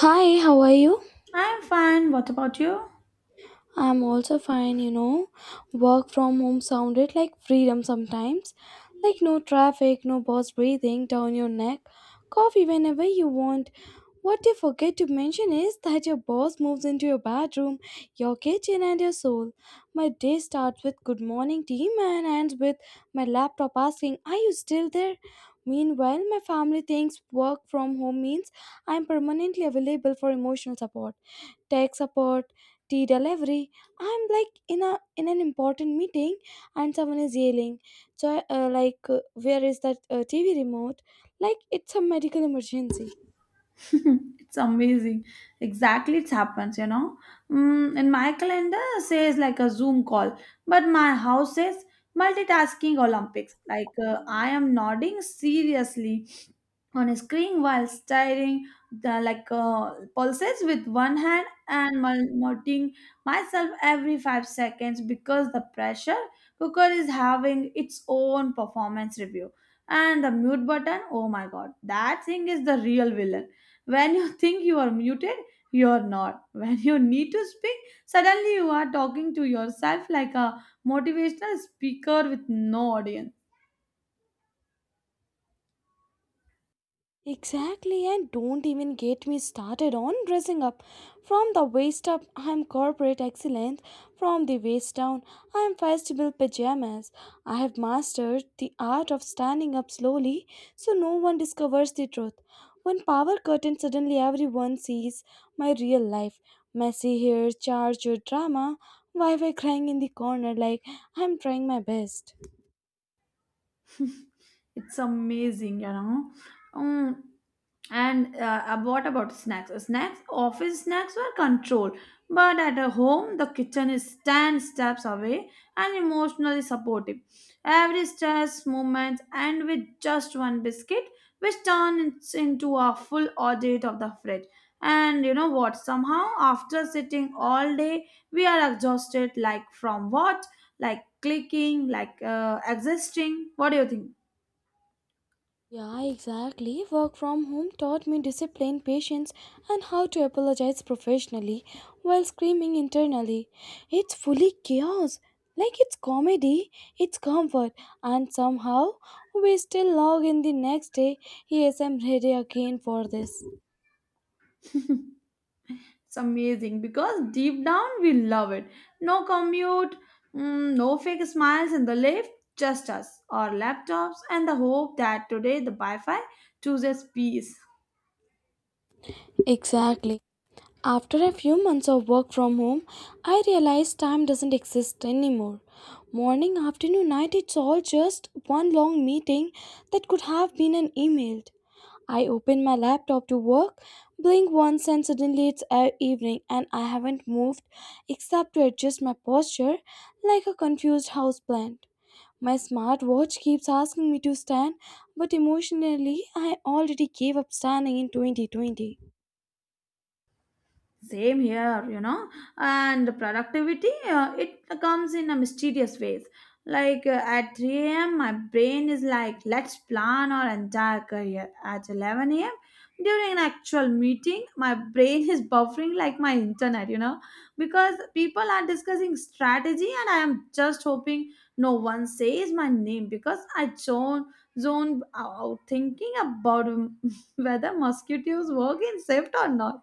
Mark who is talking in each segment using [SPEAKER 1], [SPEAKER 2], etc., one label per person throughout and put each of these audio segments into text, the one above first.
[SPEAKER 1] Hi, how are you?
[SPEAKER 2] I'm fine. What about you?
[SPEAKER 1] I'm also fine, you know. Work from home sounded like freedom sometimes. Like no traffic, no boss breathing down your neck, coffee whenever you want. What they forget to mention is that your boss moves into your bedroom, your kitchen, and your soul. My day starts with "Good morning, team," and ends with my laptop asking, "Are you still there?" Meanwhile, my family thinks work from home means I'm permanently available for emotional support, tech support, tea delivery. I'm like in an important meeting and someone is yelling, so uh, like uh, where is that TV remote, like it's a medical emergency.
[SPEAKER 2] it's amazing. Exactly, it happens, you know. In my calendar, it says like a Zoom call, but my house says multitasking Olympics. Like, I am nodding seriously on a screen while staring the, like pulses with one hand and muting myself every 5 seconds because the pressure cooker is having its own performance review. And the mute button, oh my god, that thing is the real villain. When you think you are muted, you're not. When you need to speak, suddenly you are talking to yourself like a motivational speaker with no audience.
[SPEAKER 1] Exactly, and don't even get me started on dressing up. From the waist up, I'm corporate excellence. From the waist down, I'm festival pajamas. I have mastered the art of standing up slowly so no one discovers the truth. One power curtain, suddenly everyone sees my real life. Messy hair, charged drama, wife crying in the corner like I'm trying my best.
[SPEAKER 2] it's amazing, you know. Mm, and what about snacks? Office snacks were controlled, but at a home the kitchen is 10 steps away and emotionally supportive every stress moment, and with just one biscuit which turns into a full audit of the fridge. And you know what, somehow after sitting all day we are exhausted. Like from what? Like clicking, like existing. What do you think?
[SPEAKER 1] Yeah, exactly. Work from home taught me discipline, patience, and how to apologize professionally while screaming internally. It's fully chaos. Like it's comedy, it's comfort, and somehow we still log in the next day. Yes, I'm ready again for this.
[SPEAKER 2] It's amazing because deep down we love it. No commute, no fake smiles in the lift, just us, our laptops, and the hope that today the Wi Fi chooses peace.
[SPEAKER 1] Exactly. After a few months of work from home, I realized time doesn't exist anymore. Morning, afternoon, night, it's all just one long meeting that could have been an email. I open my laptop to work, blink once, and suddenly it's evening, and I haven't moved except to adjust my posture like a confused houseplant. My smartwatch keeps asking me to stand, but emotionally, I already gave up standing in 2020.
[SPEAKER 2] Same here, you know. And the productivity, it comes in a mysterious ways. Like at 3 a.m. my brain is like let's plan our entire career. At 11 a.m. during an actual meeting my brain is buffering like my internet, you know, because people are discussing strategy and I am just hoping no one says my name because I zone out thinking about whether mosquitoes work in shift or not.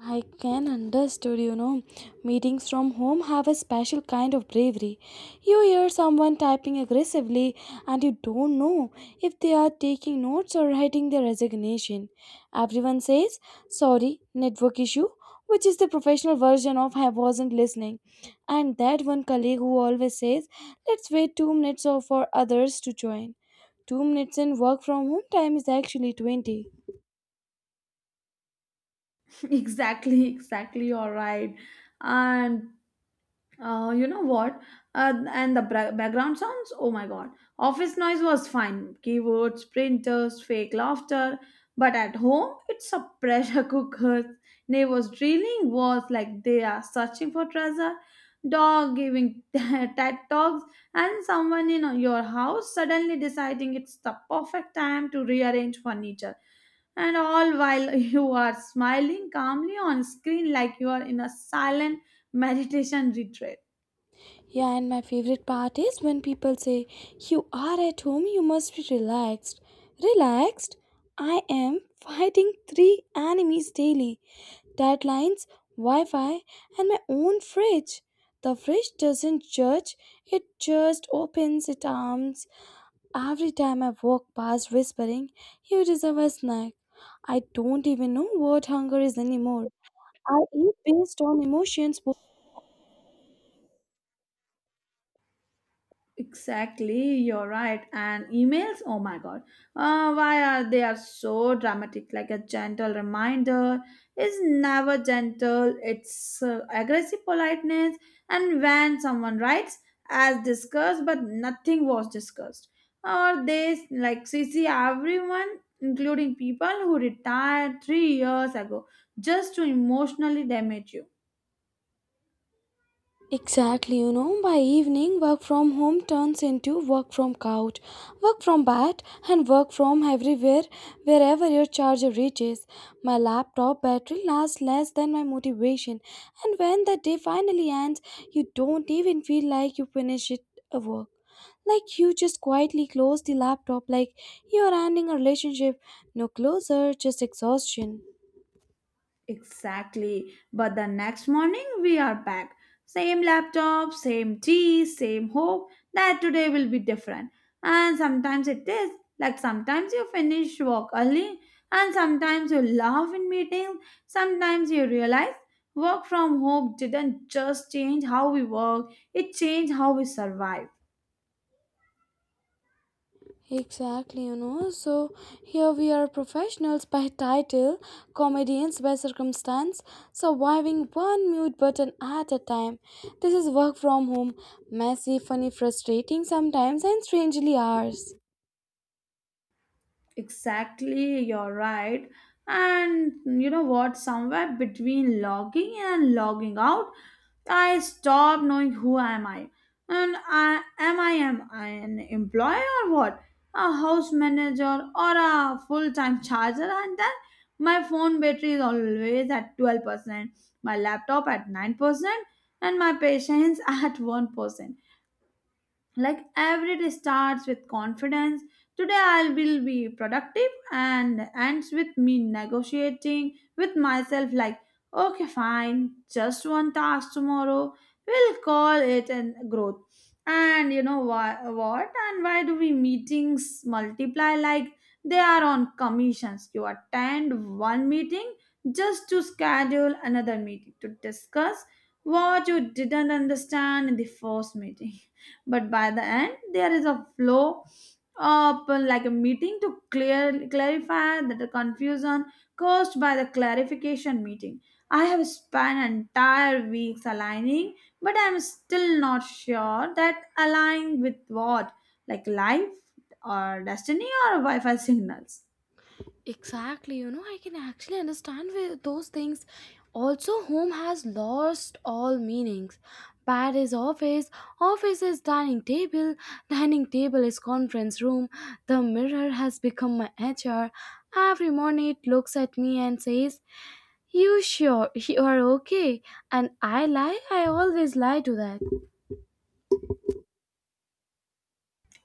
[SPEAKER 1] I can understood, you know. Meetings from home have a special kind of bravery. You hear someone typing aggressively and you don't know if they are taking notes or writing their resignation. Everyone says, "Sorry, network issue," which is the professional version of "I wasn't listening." And that one colleague who always says, "Let's wait 2 minutes or for others to join." 2 minutes in work from home time is actually 20.
[SPEAKER 2] exactly, exactly, you're right. And you know what? And the background sounds, oh my god. Office noise was fine. Keywords, printers, fake laughter. But at home, it's a pressure cooker. Neighbors drilling walls like they are searching for treasure. Dog giving TED talks. And someone in your house suddenly deciding it's the perfect time to rearrange furniture. And all while you are smiling calmly on screen like you are in a silent meditation retreat.
[SPEAKER 1] Yeah, and my favorite part is when people say, "You are at home, you must be relaxed." Relaxed? I am fighting three enemies daily: deadlines, Wi Fi, and my own fridge. The fridge doesn't judge, it just opens its arms every time I walk past, whispering, "You deserve a snack." I don't even know what hunger is anymore. I eat based on emotions.
[SPEAKER 2] Exactly, you're right. And emails, oh my god, why are they are so dramatic? Like a gentle reminder is never gentle. It's aggressive politeness. And when someone writes as discussed, but nothing was discussed, or they like CC everyone, including people who retired 3 years ago, just to emotionally damage you.
[SPEAKER 1] Exactly, you know, by evening, work from home turns into work from couch, work from bed, and work from everywhere, wherever your charger reaches. My laptop battery lasts less than my motivation, and when the day finally ends, you don't even feel like you finish it a work. Like you just quietly close the laptop, like you're ending a relationship. No closer, just exhaustion.
[SPEAKER 2] Exactly. But the next morning we are back. Same laptop, same tea, same hope that today will be different. And sometimes it is. Like sometimes you finish work early, and sometimes you laugh in meetings. Sometimes you realize work from home didn't just change how we work, it changed how we survive.
[SPEAKER 1] Exactly, you know. So here we are, professionals by title, comedians by circumstance, surviving one mute button at a time. This is work from home: messy, funny, frustrating sometimes, and strangely ours.
[SPEAKER 2] Exactly, you're right. And you know what? Somewhere between logging in and logging out, I stopped knowing who am I. And I am I am I an employee or what? A house manager or a full-time charger? And then my phone battery is always at 12%, my laptop at 9%, and my patience at 1%. Like every day starts with confidence, today I will be productive, and ends with me negotiating with myself like okay, fine, just one task tomorrow, we'll call it an growth. And you know why, what, and why do we meetings multiply like they are on commissions. You attend one meeting just to schedule another meeting to discuss what you didn't understand in the first meeting, but by the end there is a flow up, like a meeting to clear clarify that the confusion caused by the clarification meeting. I have spent entire weeks aligning, but I'm still not sure that align with what, like life or destiny or wi-fi signals.
[SPEAKER 1] Exactly, you know, I can actually understand with those things. Also, home has lost all meanings. Bed is office, office is dining table is conference room. The mirror has become my HR. Every morning it looks at me and says, "You sure you are okay?" And I lie, I always lie to that.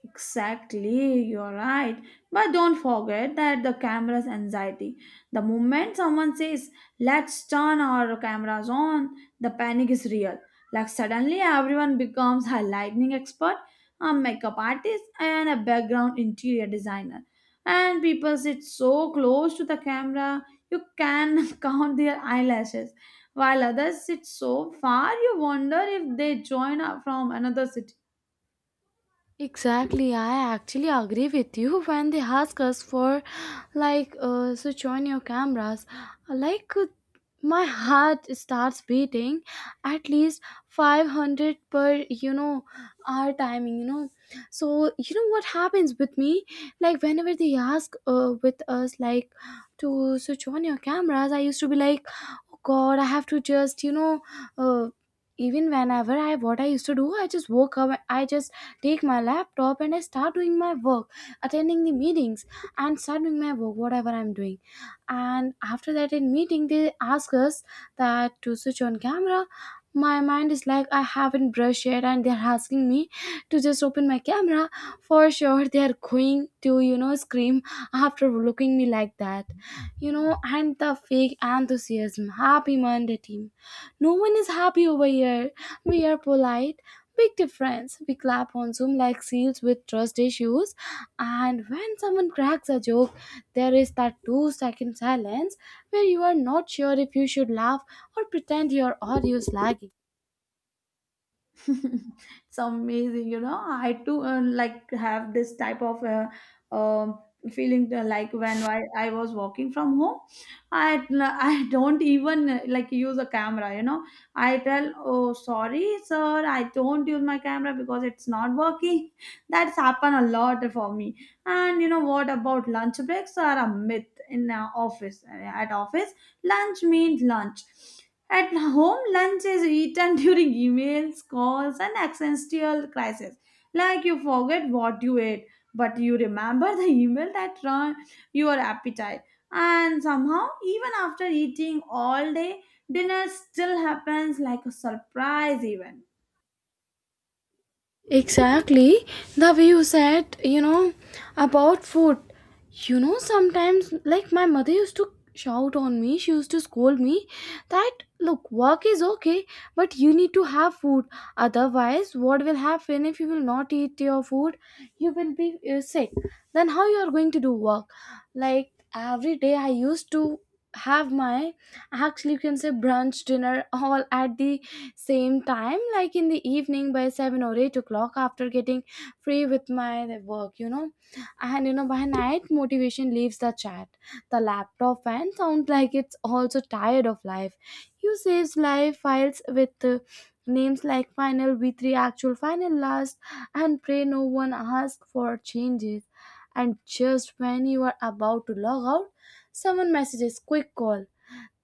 [SPEAKER 2] Exactly, you're right. But don't forget that the camera's anxiety. The moment someone says, let's turn our cameras on, the panic is real. Like suddenly everyone becomes a lighting expert, a makeup artist, and a background interior designer. And people sit so close to the camera, you can count their eyelashes. While others sit so far, you wonder if they join up from another city.
[SPEAKER 1] Exactly, I actually agree with you when they ask us for like switch on your cameras. Like my heart starts beating at least 500 per hour timing. So, you know what happens with me? Like whenever they ask with us, like, to switch on your cameras, I used to be like, "Oh god, I have to just, you know, uh, even whenever I what I used to do, I just woke up, I just take my laptop and I start doing my work, attending the meetings and start doing my work, whatever I'm doing. And after that in meeting, they ask us that to switch on camera. My mind is like I haven't brushed yet, and they're asking me to just open my camera. For sure, they are going to scream after looking me like that. And the fake enthusiasm. Happy Monday, team. No one is happy over here. We are polite. Big difference. We clap on Zoom like seals with trust issues, and when someone cracks a joke, there is that 2-second silence where you are not sure if you should laugh or pretend your audio is lagging.
[SPEAKER 2] it's amazing, you know. I too like have this type of um feeling, like when I was walking from home. I i don't even like use a camera, you know. I tell oh sorry sir I don't use my camera because it's not working. that's happened a lot for me. And you know what about lunch breaks are a myth in office. At office lunch means lunch. At home, lunch is eaten during emails, calls, and existential crisis. Like you forget what you ate, but you remember the email that run your appetite. And somehow, even after eating all day, dinner still happens like a surprise event.
[SPEAKER 1] Exactly. The way you said, you know, about food. You know, sometimes, like my mother used to shout on me, she used to scold me that, look, work is okay, but you need to have food. Otherwise, what will happen if you will not eat your food? You will be sick. Then, how you are going to do work? Like, every day I used to have my, actually you can say, brunch dinner all at the same time, like in the evening by 7 or 8 o'clock after getting free with my work, you know. And you know, by night, motivation leaves the chat. The laptop fan sounds like it's also tired of life. You saves live files with names like final, v3, actual, final, last, and pray no one ask for changes. And just when you are about to log out, someone messages quick call.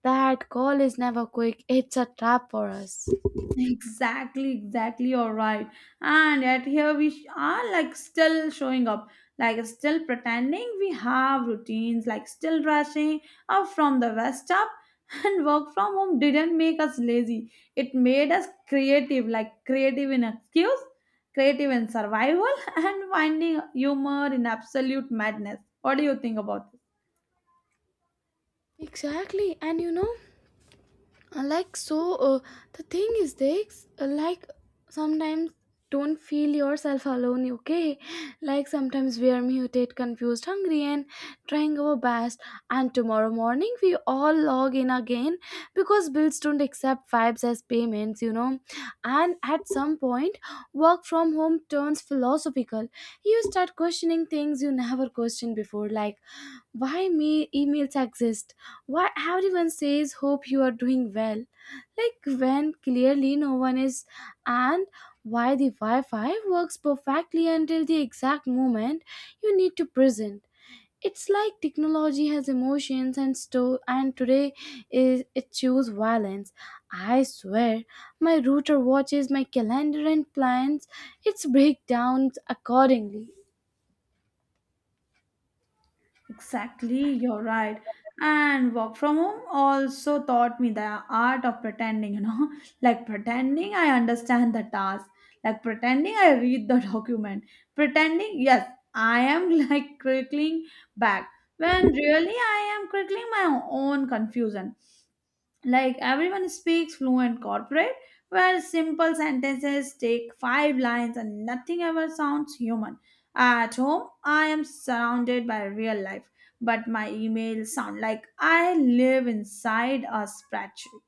[SPEAKER 1] That call is never quick, it's a trap for us.
[SPEAKER 2] Exactly, exactly. You're right. And yet here we are, like still showing up, like still pretending we have routines, like still rushing up from the west up. And work from home didn't make us lazy. It made us creative, like creative in excuse, creative in survival, and finding humor in absolute madness. What do you think about this?
[SPEAKER 1] Exactly, and you know, like so, the thing is, like sometimes don't feel yourself alone, okay? Like sometimes we are muted, confused, hungry, and trying our best. And tomorrow morning, we all log in again because bills don't accept vibes as payments, you know. And at some point, work from home turns philosophical. You start questioning things you never questioned before, like why me emails exist, why everyone says "hope you are doing well" like when clearly no one is, and why the Wi-Fi works perfectly until the exact moment you need to present. It's like technology has emotions and store, and today is it choose violence. I swear, my router watches my calendar and plans its breakdowns accordingly.
[SPEAKER 2] Exactly, you're right. And work from home also taught me the art of pretending, you know, like pretending I understand the task, like pretending I read the document, pretending, yes, I am like crickling back when really I am crickling my own confusion. Like everyone speaks fluent corporate, where simple sentences take five lines and nothing ever sounds human. At home, I am surrounded by real life, but my emails sound like I live inside a spreadsheet.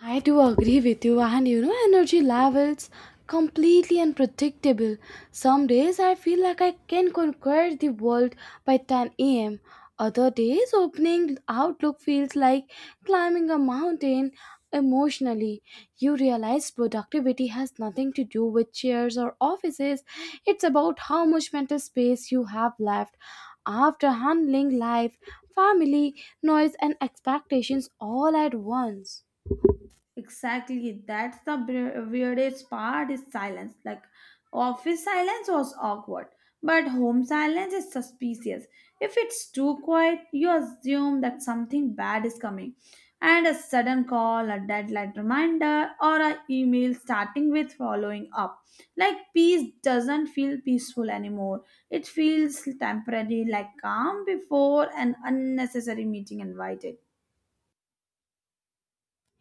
[SPEAKER 1] I do agree with you, and you know, energy levels completely unpredictable. Some days I feel like I can conquer the world by 10 a.m. Other days, opening outlook feels like climbing a mountain emotionally. You realize productivity has nothing to do with chairs or offices, it's about how much mental space you have left after handling life, family, noise, and expectations all at once.
[SPEAKER 2] Exactly. That's the weirdest part is silence. Like office silence was awkward, but home silence is suspicious. If it's too quiet, you assume that something bad is coming. And a sudden call, a deadline reminder, or an email starting with following up. Like peace doesn't feel peaceful anymore. It feels temporary, like calm before an unnecessary meeting invited.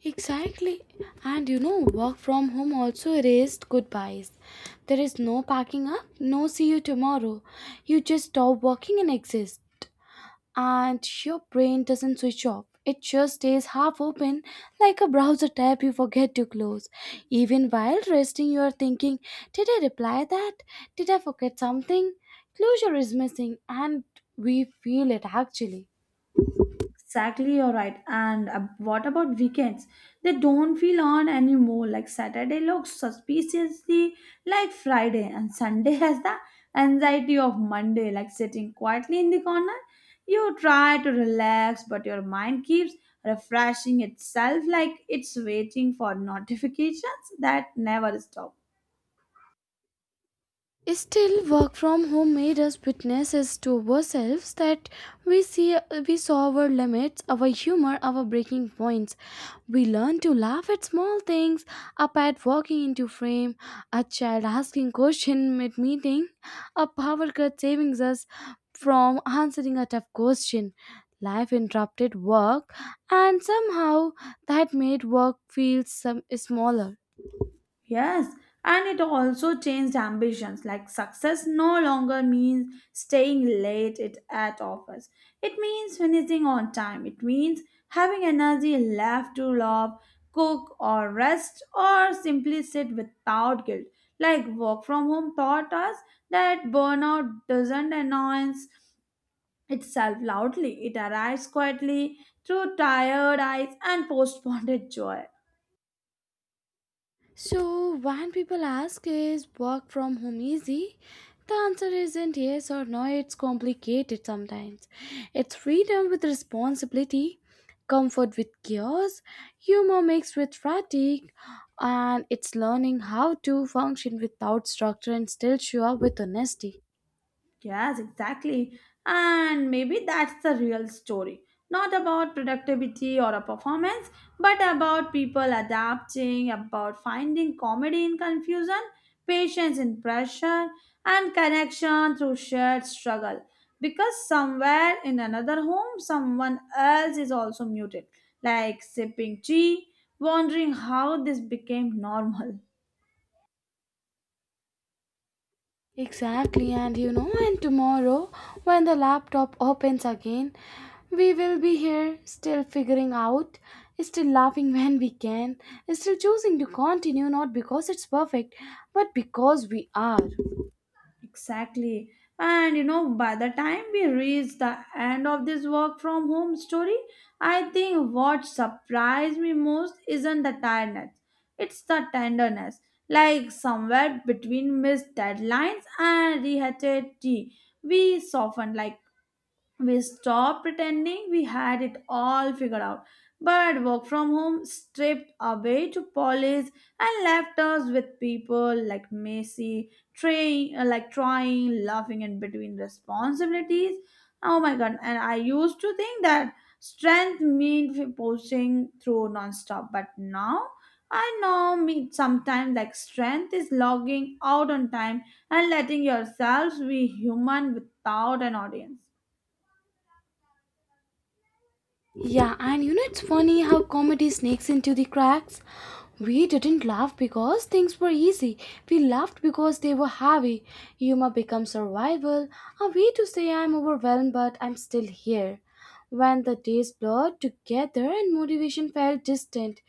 [SPEAKER 1] Exactly. And you know, work from home also raised goodbyes. There is no packing up, no see you tomorrow. You just stop working and exist. And your brain doesn't switch off. It just stays half open like a browser tab you forget to close. Even while resting, you are thinking, "Did I reply that? Did I forget something?" Closure is missing, and we feel it actually.
[SPEAKER 2] Exactly, you're right. And what about weekends? They don't feel on anymore. Like Saturday looks suspiciously like Friday, and Sunday has the anxiety of Monday. Like sitting quietly in the corner, you try to relax, but your mind keeps refreshing itself like it's waiting for notifications that never stop.
[SPEAKER 1] Still, work from home made us witnesses to ourselves that we see we saw our limits, our humor, our breaking points. We learned to laugh at small things, a pet walking into frame, a child asking question mid meeting, a power cut saving us from answering a tough question. Life interrupted work, and somehow that made work feel some smaller.
[SPEAKER 2] Yes, and it also changed ambitions. Like success no longer means staying late it, at office. It means finishing on time. It means having energy left to love, cook or rest, or simply sit without guilt. Like work from home taught us that burnout doesn't announce itself loudly. It arrives quietly through tired eyes and postponed joy.
[SPEAKER 1] So, when people ask, is work from home easy? The answer isn't yes or no, it's complicated sometimes. It's freedom with responsibility, comfort with chaos, humor mixed with fatigue, and it's learning how to function without structure and still show up with honesty.
[SPEAKER 2] Yes, exactly. And maybe that's the real story. Not about productivity or a performance, but about people adapting, about finding comedy in confusion, patience in pressure, and connection through shared struggle. Because somewhere in another home, someone else is also muted, like sipping tea, wondering how this became normal.
[SPEAKER 1] Exactly, and you know, and tomorrow, when the laptop opens again, we will be here still figuring out, still laughing when we can, still choosing to continue not because it's perfect, but because we are.
[SPEAKER 2] Exactly. And you know, by the time we reach the end of this work from home story, I think what surprised me most isn't the tiredness, it's the tenderness. Like somewhere between missed deadlines and reheated tea, we softened, like we stopped pretending we had it all figured out. But work from home stripped away to polish and left us with people like Macy, trying, like trying, laughing in between responsibilities. Oh my god! And I used to think that strength meant posting through nonstop, but now I know me sometimes like strength is logging out on time and letting yourselves be human without an audience.
[SPEAKER 1] Yeah, and you know it's funny how comedy sneaks into the cracks. We didn't laugh because things were easy. We laughed because they were heavy. Humor becomes survival, a way to say "I'm overwhelmed but I'm still here." When the days blurred together and motivation felt distant,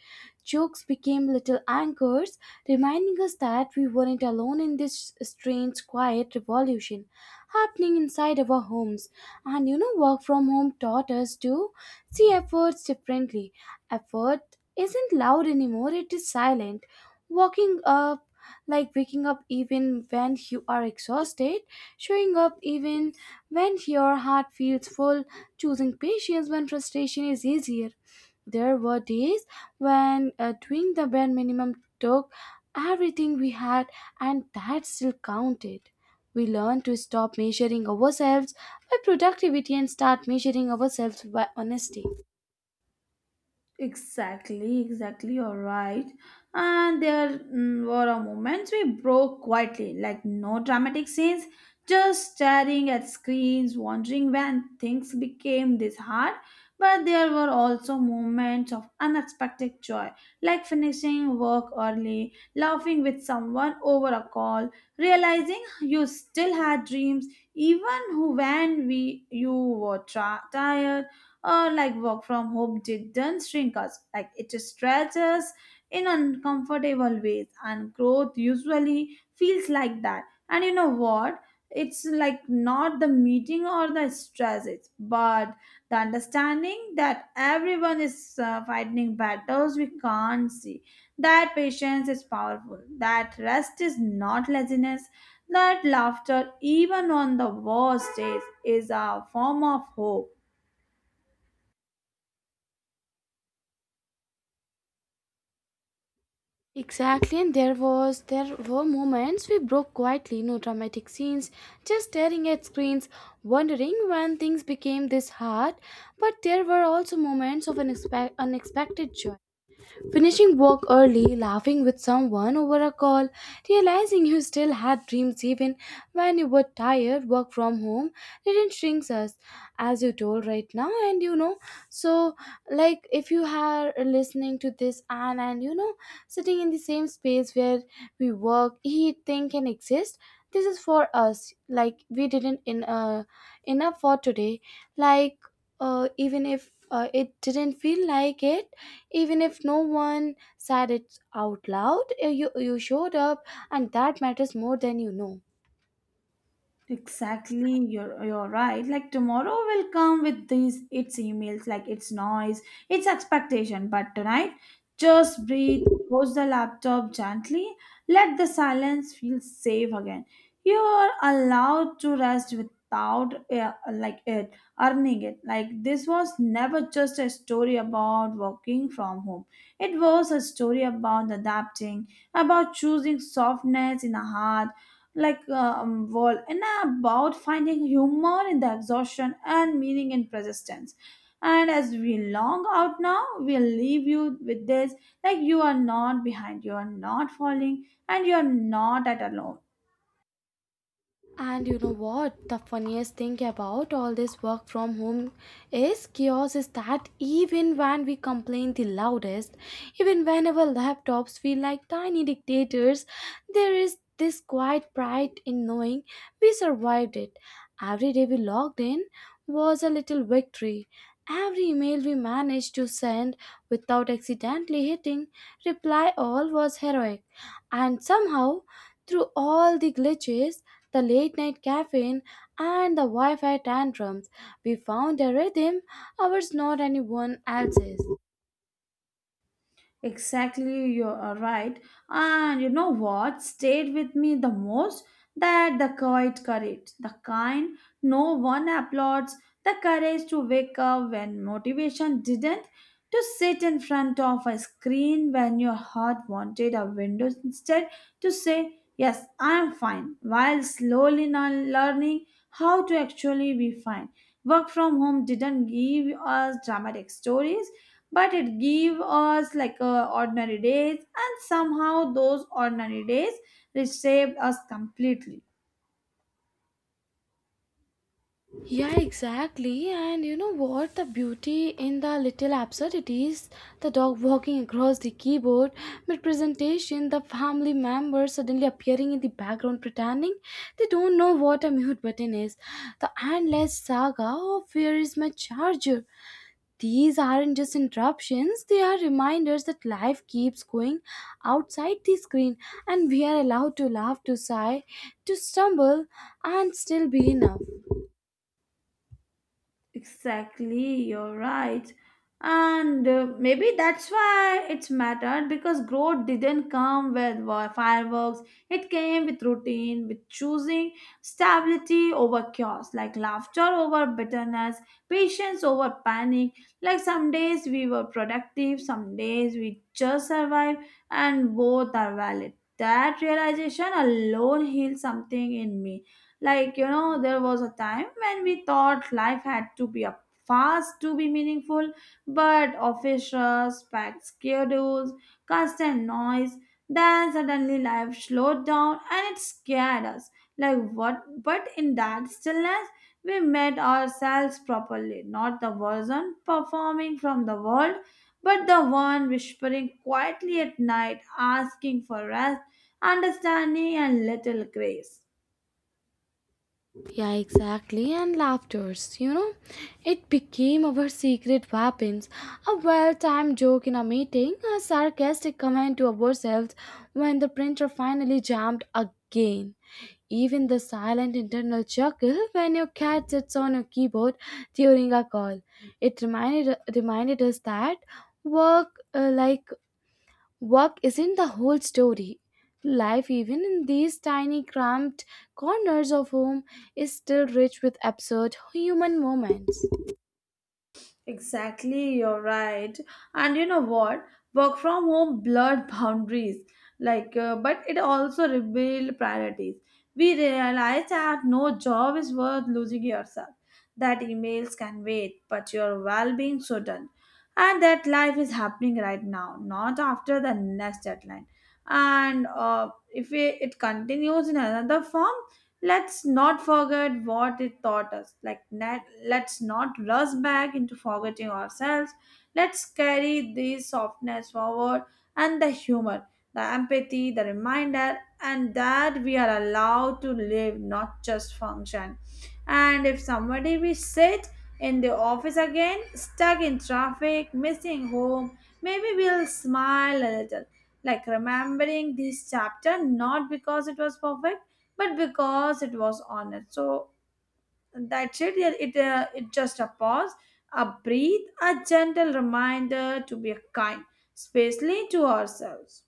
[SPEAKER 1] jokes became little anchors, reminding us that we weren't alone in this strange, quiet revolution happening inside our homes. And you know, work from home taught us to see efforts differently. Effort isn't loud anymore, it is silent. Walking up, like waking up even when you are exhausted, showing up even when your heart feels full, choosing patience when frustration is easier. There were days when doing the bare minimum took everything we had, and that still counted. We learn to stop measuring ourselves by productivity and start measuring ourselves by honesty.
[SPEAKER 2] Exactly, exactly, you're right. And there were a moments we broke quietly, like no dramatic scenes, just staring at screens, wondering when things became this hard. But there were also moments of unexpected joy, like finishing work early, laughing with someone over a call, realizing you still had dreams, even who when we you were tired, or like work from home didn't shrink us, like it stretched us in uncomfortable ways, and growth usually feels like that. And you know what, it's like not the meeting or the stresses, but the understanding that everyone is fighting battles we can't see, that patience is powerful, that rest is not laziness, that laughter even on the worst days is a form of hope.
[SPEAKER 1] Exactly, and there were moments we broke quietly, no dramatic scenes, just staring at screens, wondering when things became this hard. But there were also moments of unexpected joy. Finishing work early, laughing with someone over a call, realizing you still had dreams even when you were tired, work from home didn't shrink us, as you told right now. And you know, so like if you are listening to this and sitting in the same space where we work, eat, think, and exist. This is for us. Like we didn't in enough for today. Like Even if it didn't feel like it, even if no one said it out loud, you showed up and that matters more than you know.
[SPEAKER 2] Exactly, you're right. Like tomorrow will come with these its emails, like its noise, its expectation. But tonight, just breathe, close the laptop gently, let the silence feel safe again. You are allowed to rest without like it earning it. Like this was never just a story about working from home. It was a story about adapting, about choosing softness in a hard like world, and about finding humor in the exhaustion and meaning in persistence. And as we long out now, we'll leave you with this, like you are not behind, you are not falling, and you are not at alone.
[SPEAKER 1] And you know what? The funniest thing about all this work from home is chaos is that even when we complain the loudest, even when our laptops feel like tiny dictators, there is this quiet pride in knowing we survived it. Every day we logged in was a little victory. Every email we managed to send without accidentally hitting reply all was heroic. And somehow, through all the glitches, the late night caffeine, and the Wi Fi tantrums, we found a rhythm, ours, not anyone else's.
[SPEAKER 2] Exactly, you are right. And you know what stayed with me the most? That the quiet courage, the kind no one applauds, the courage to wake up when motivation didn't, to sit in front of a screen when your heart wanted a window instead, to say, yes, I am fine, while slowly now learning how to actually be fine. Work from home didn't give us dramatic stories, but it gave us like ordinary days, and somehow those ordinary days reshaped us completely.
[SPEAKER 1] Yeah, exactly. And you know what? The beauty in the little absurdities, the dog walking across the keyboard mid presentation, the family members suddenly appearing in the background pretending they don't know what a mute button is, the endless saga of where is my charger. These aren't just interruptions, they are reminders that life keeps going outside the screen, and we are allowed to laugh, to sigh, to stumble, and still be enough.
[SPEAKER 2] Exactly, you're right. And maybe that's why it's mattered, because growth didn't come with fireworks. It came with routine, with choosing stability over chaos, like laughter over bitterness, patience over panic. Like some days we were productive, some days we just survived, and both are valid. That realization alone healed something in me. Like, you know, there was a time when we thought life had to be a fast to be meaningful, but office rush, packed schedules, constant noise, then suddenly life slowed down and it scared us. Like what, but in that stillness we met ourselves properly, not the version performing from the world, but the one whispering quietly at night, asking for rest, understanding and little grace.
[SPEAKER 1] Yeah, exactly. And laughters, you know, it became our secret weapons. A well timed joke in a meeting, a sarcastic comment to ourselves when the printer finally jammed again. Even the silent internal chuckle when your cat sits on your keyboard during a call. It reminded us that work, work isn't the whole story. Life, even in these tiny, cramped corners of home, is still rich with absurd human moments.
[SPEAKER 2] Exactly, you're right. And you know what? Work from home blurred boundaries, like, but it also revealed priorities. We realized that no job is worth losing yourself, that emails can wait, but your well being shouldn't, and that life is happening right now, not after the next deadline. And if it continues in another form, let's not forget what it taught us, like net, let's not rush back into forgetting ourselves, let's carry this softness forward, and the humor, the empathy, the reminder, and that we are allowed to live, not just function. And if somebody we sit in the office again, stuck in traffic, missing home, maybe we'll smile a little, like remembering this chapter, not because it was perfect, but because it was honest. So that's it. Yeah, it just a pause, a breathe, a gentle reminder to be kind, especially to ourselves.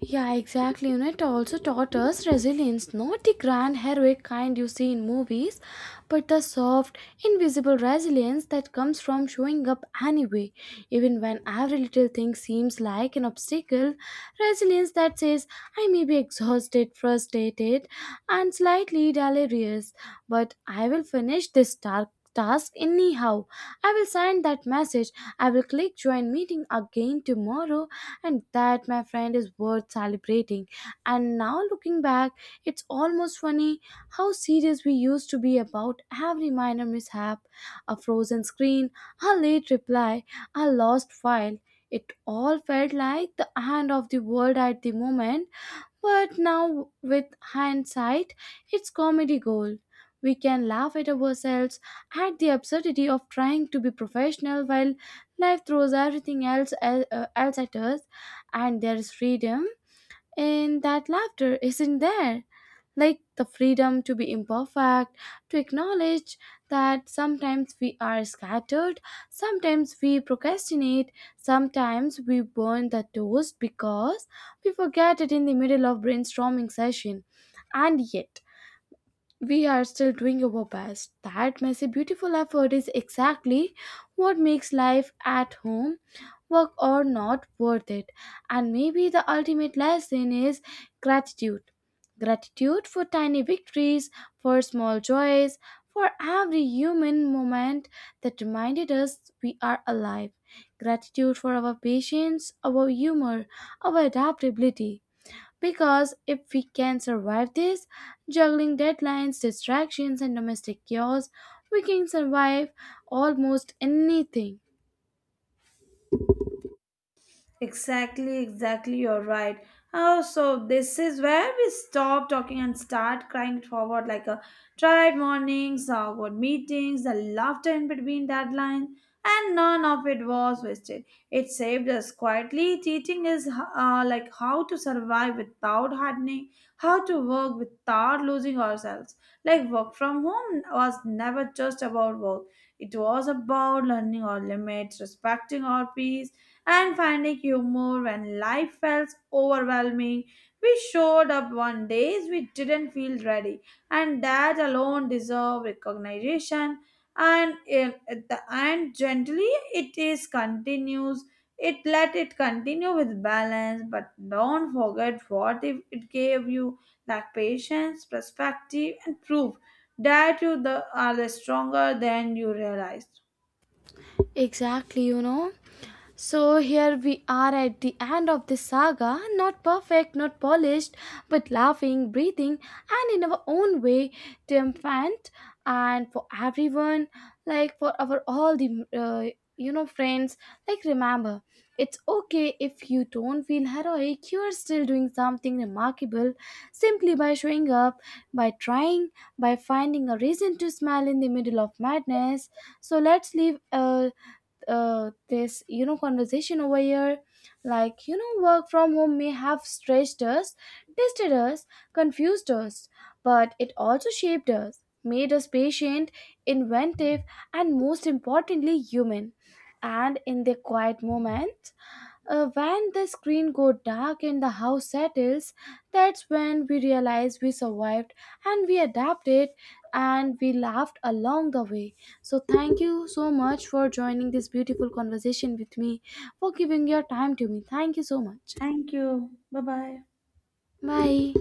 [SPEAKER 1] Yeah, exactly. You know, it also taught us resilience, not the grand heroic kind you see in movies, but the soft, invisible resilience that comes from showing up anyway, even when every little thing seems like an obstacle. Resilience that says, I may be exhausted, frustrated, and slightly delirious, but I will finish this dark task anyhow. I will send that message. I will click join meeting again tomorrow, and that, my friend, is worth celebrating. And now looking back, it's almost funny how serious we used to be about every minor mishap. A frozen screen, a late reply, a lost file, it all felt like the end of the world at the moment. But now, with hindsight, it's comedy gold. We can laugh at ourselves, at the absurdity of trying to be professional while life throws everything else at us, and there is freedom in that laughter, isn't there? Like the freedom to be imperfect, to acknowledge that sometimes we are scattered, sometimes we procrastinate, sometimes we burn the toast because we forget it in the middle of brainstorming session. And yet, we are still doing our best. That messy, beautiful effort is exactly what makes life at home, work or not, worth it. And maybe the ultimate lesson is gratitude. Gratitude for tiny victories, for small joys, for every human moment that reminded us we are alive. Gratitude for our patience, our humor, our adaptability. Because if we can survive this, juggling deadlines, distractions, and domestic chaos, we can survive almost anything.
[SPEAKER 2] Exactly, exactly, you're right. Oh, so this is where we stop talking and start crying it forward, like a tired mornings, awkward meetings, the laughter in between deadlines, and none of it was wasted. It saved us quietly. Teaching is like how to survive without hardening, how to work without losing ourselves. Like work from home was never just about work. It was about learning our limits, respecting our peace, and finding humor when life felt overwhelming. We showed up one days we didn't feel ready, and that alone deserves recognition. And in, at the end, gently it is continues. It let it continue with balance, but don't forget what if it gave you like patience, perspective, and proof that you the, are the stronger than you realized.
[SPEAKER 1] Exactly, you know. So here we are at the end of this saga, not perfect, not polished, but laughing, breathing, and in our own way, triumphant. And for everyone, like for our all the friends, like remember, it's okay if you don't feel heroic. You are still doing something remarkable, simply by showing up, by trying, by finding a reason to smile in the middle of madness. So let's leave. This, you know, conversation over here, like you know, work from home may have stretched us, tested us, confused us, but it also shaped us, made us patient, inventive, and most importantly human. And in the quiet moments, when the screen go dark and the house settles, that's when we realize we survived, and we adapted, and we laughed along the way. So thank you so much for joining this beautiful conversation with me, for giving your time to me. Thank you so much.
[SPEAKER 2] Thank you. Bye bye.
[SPEAKER 1] Bye.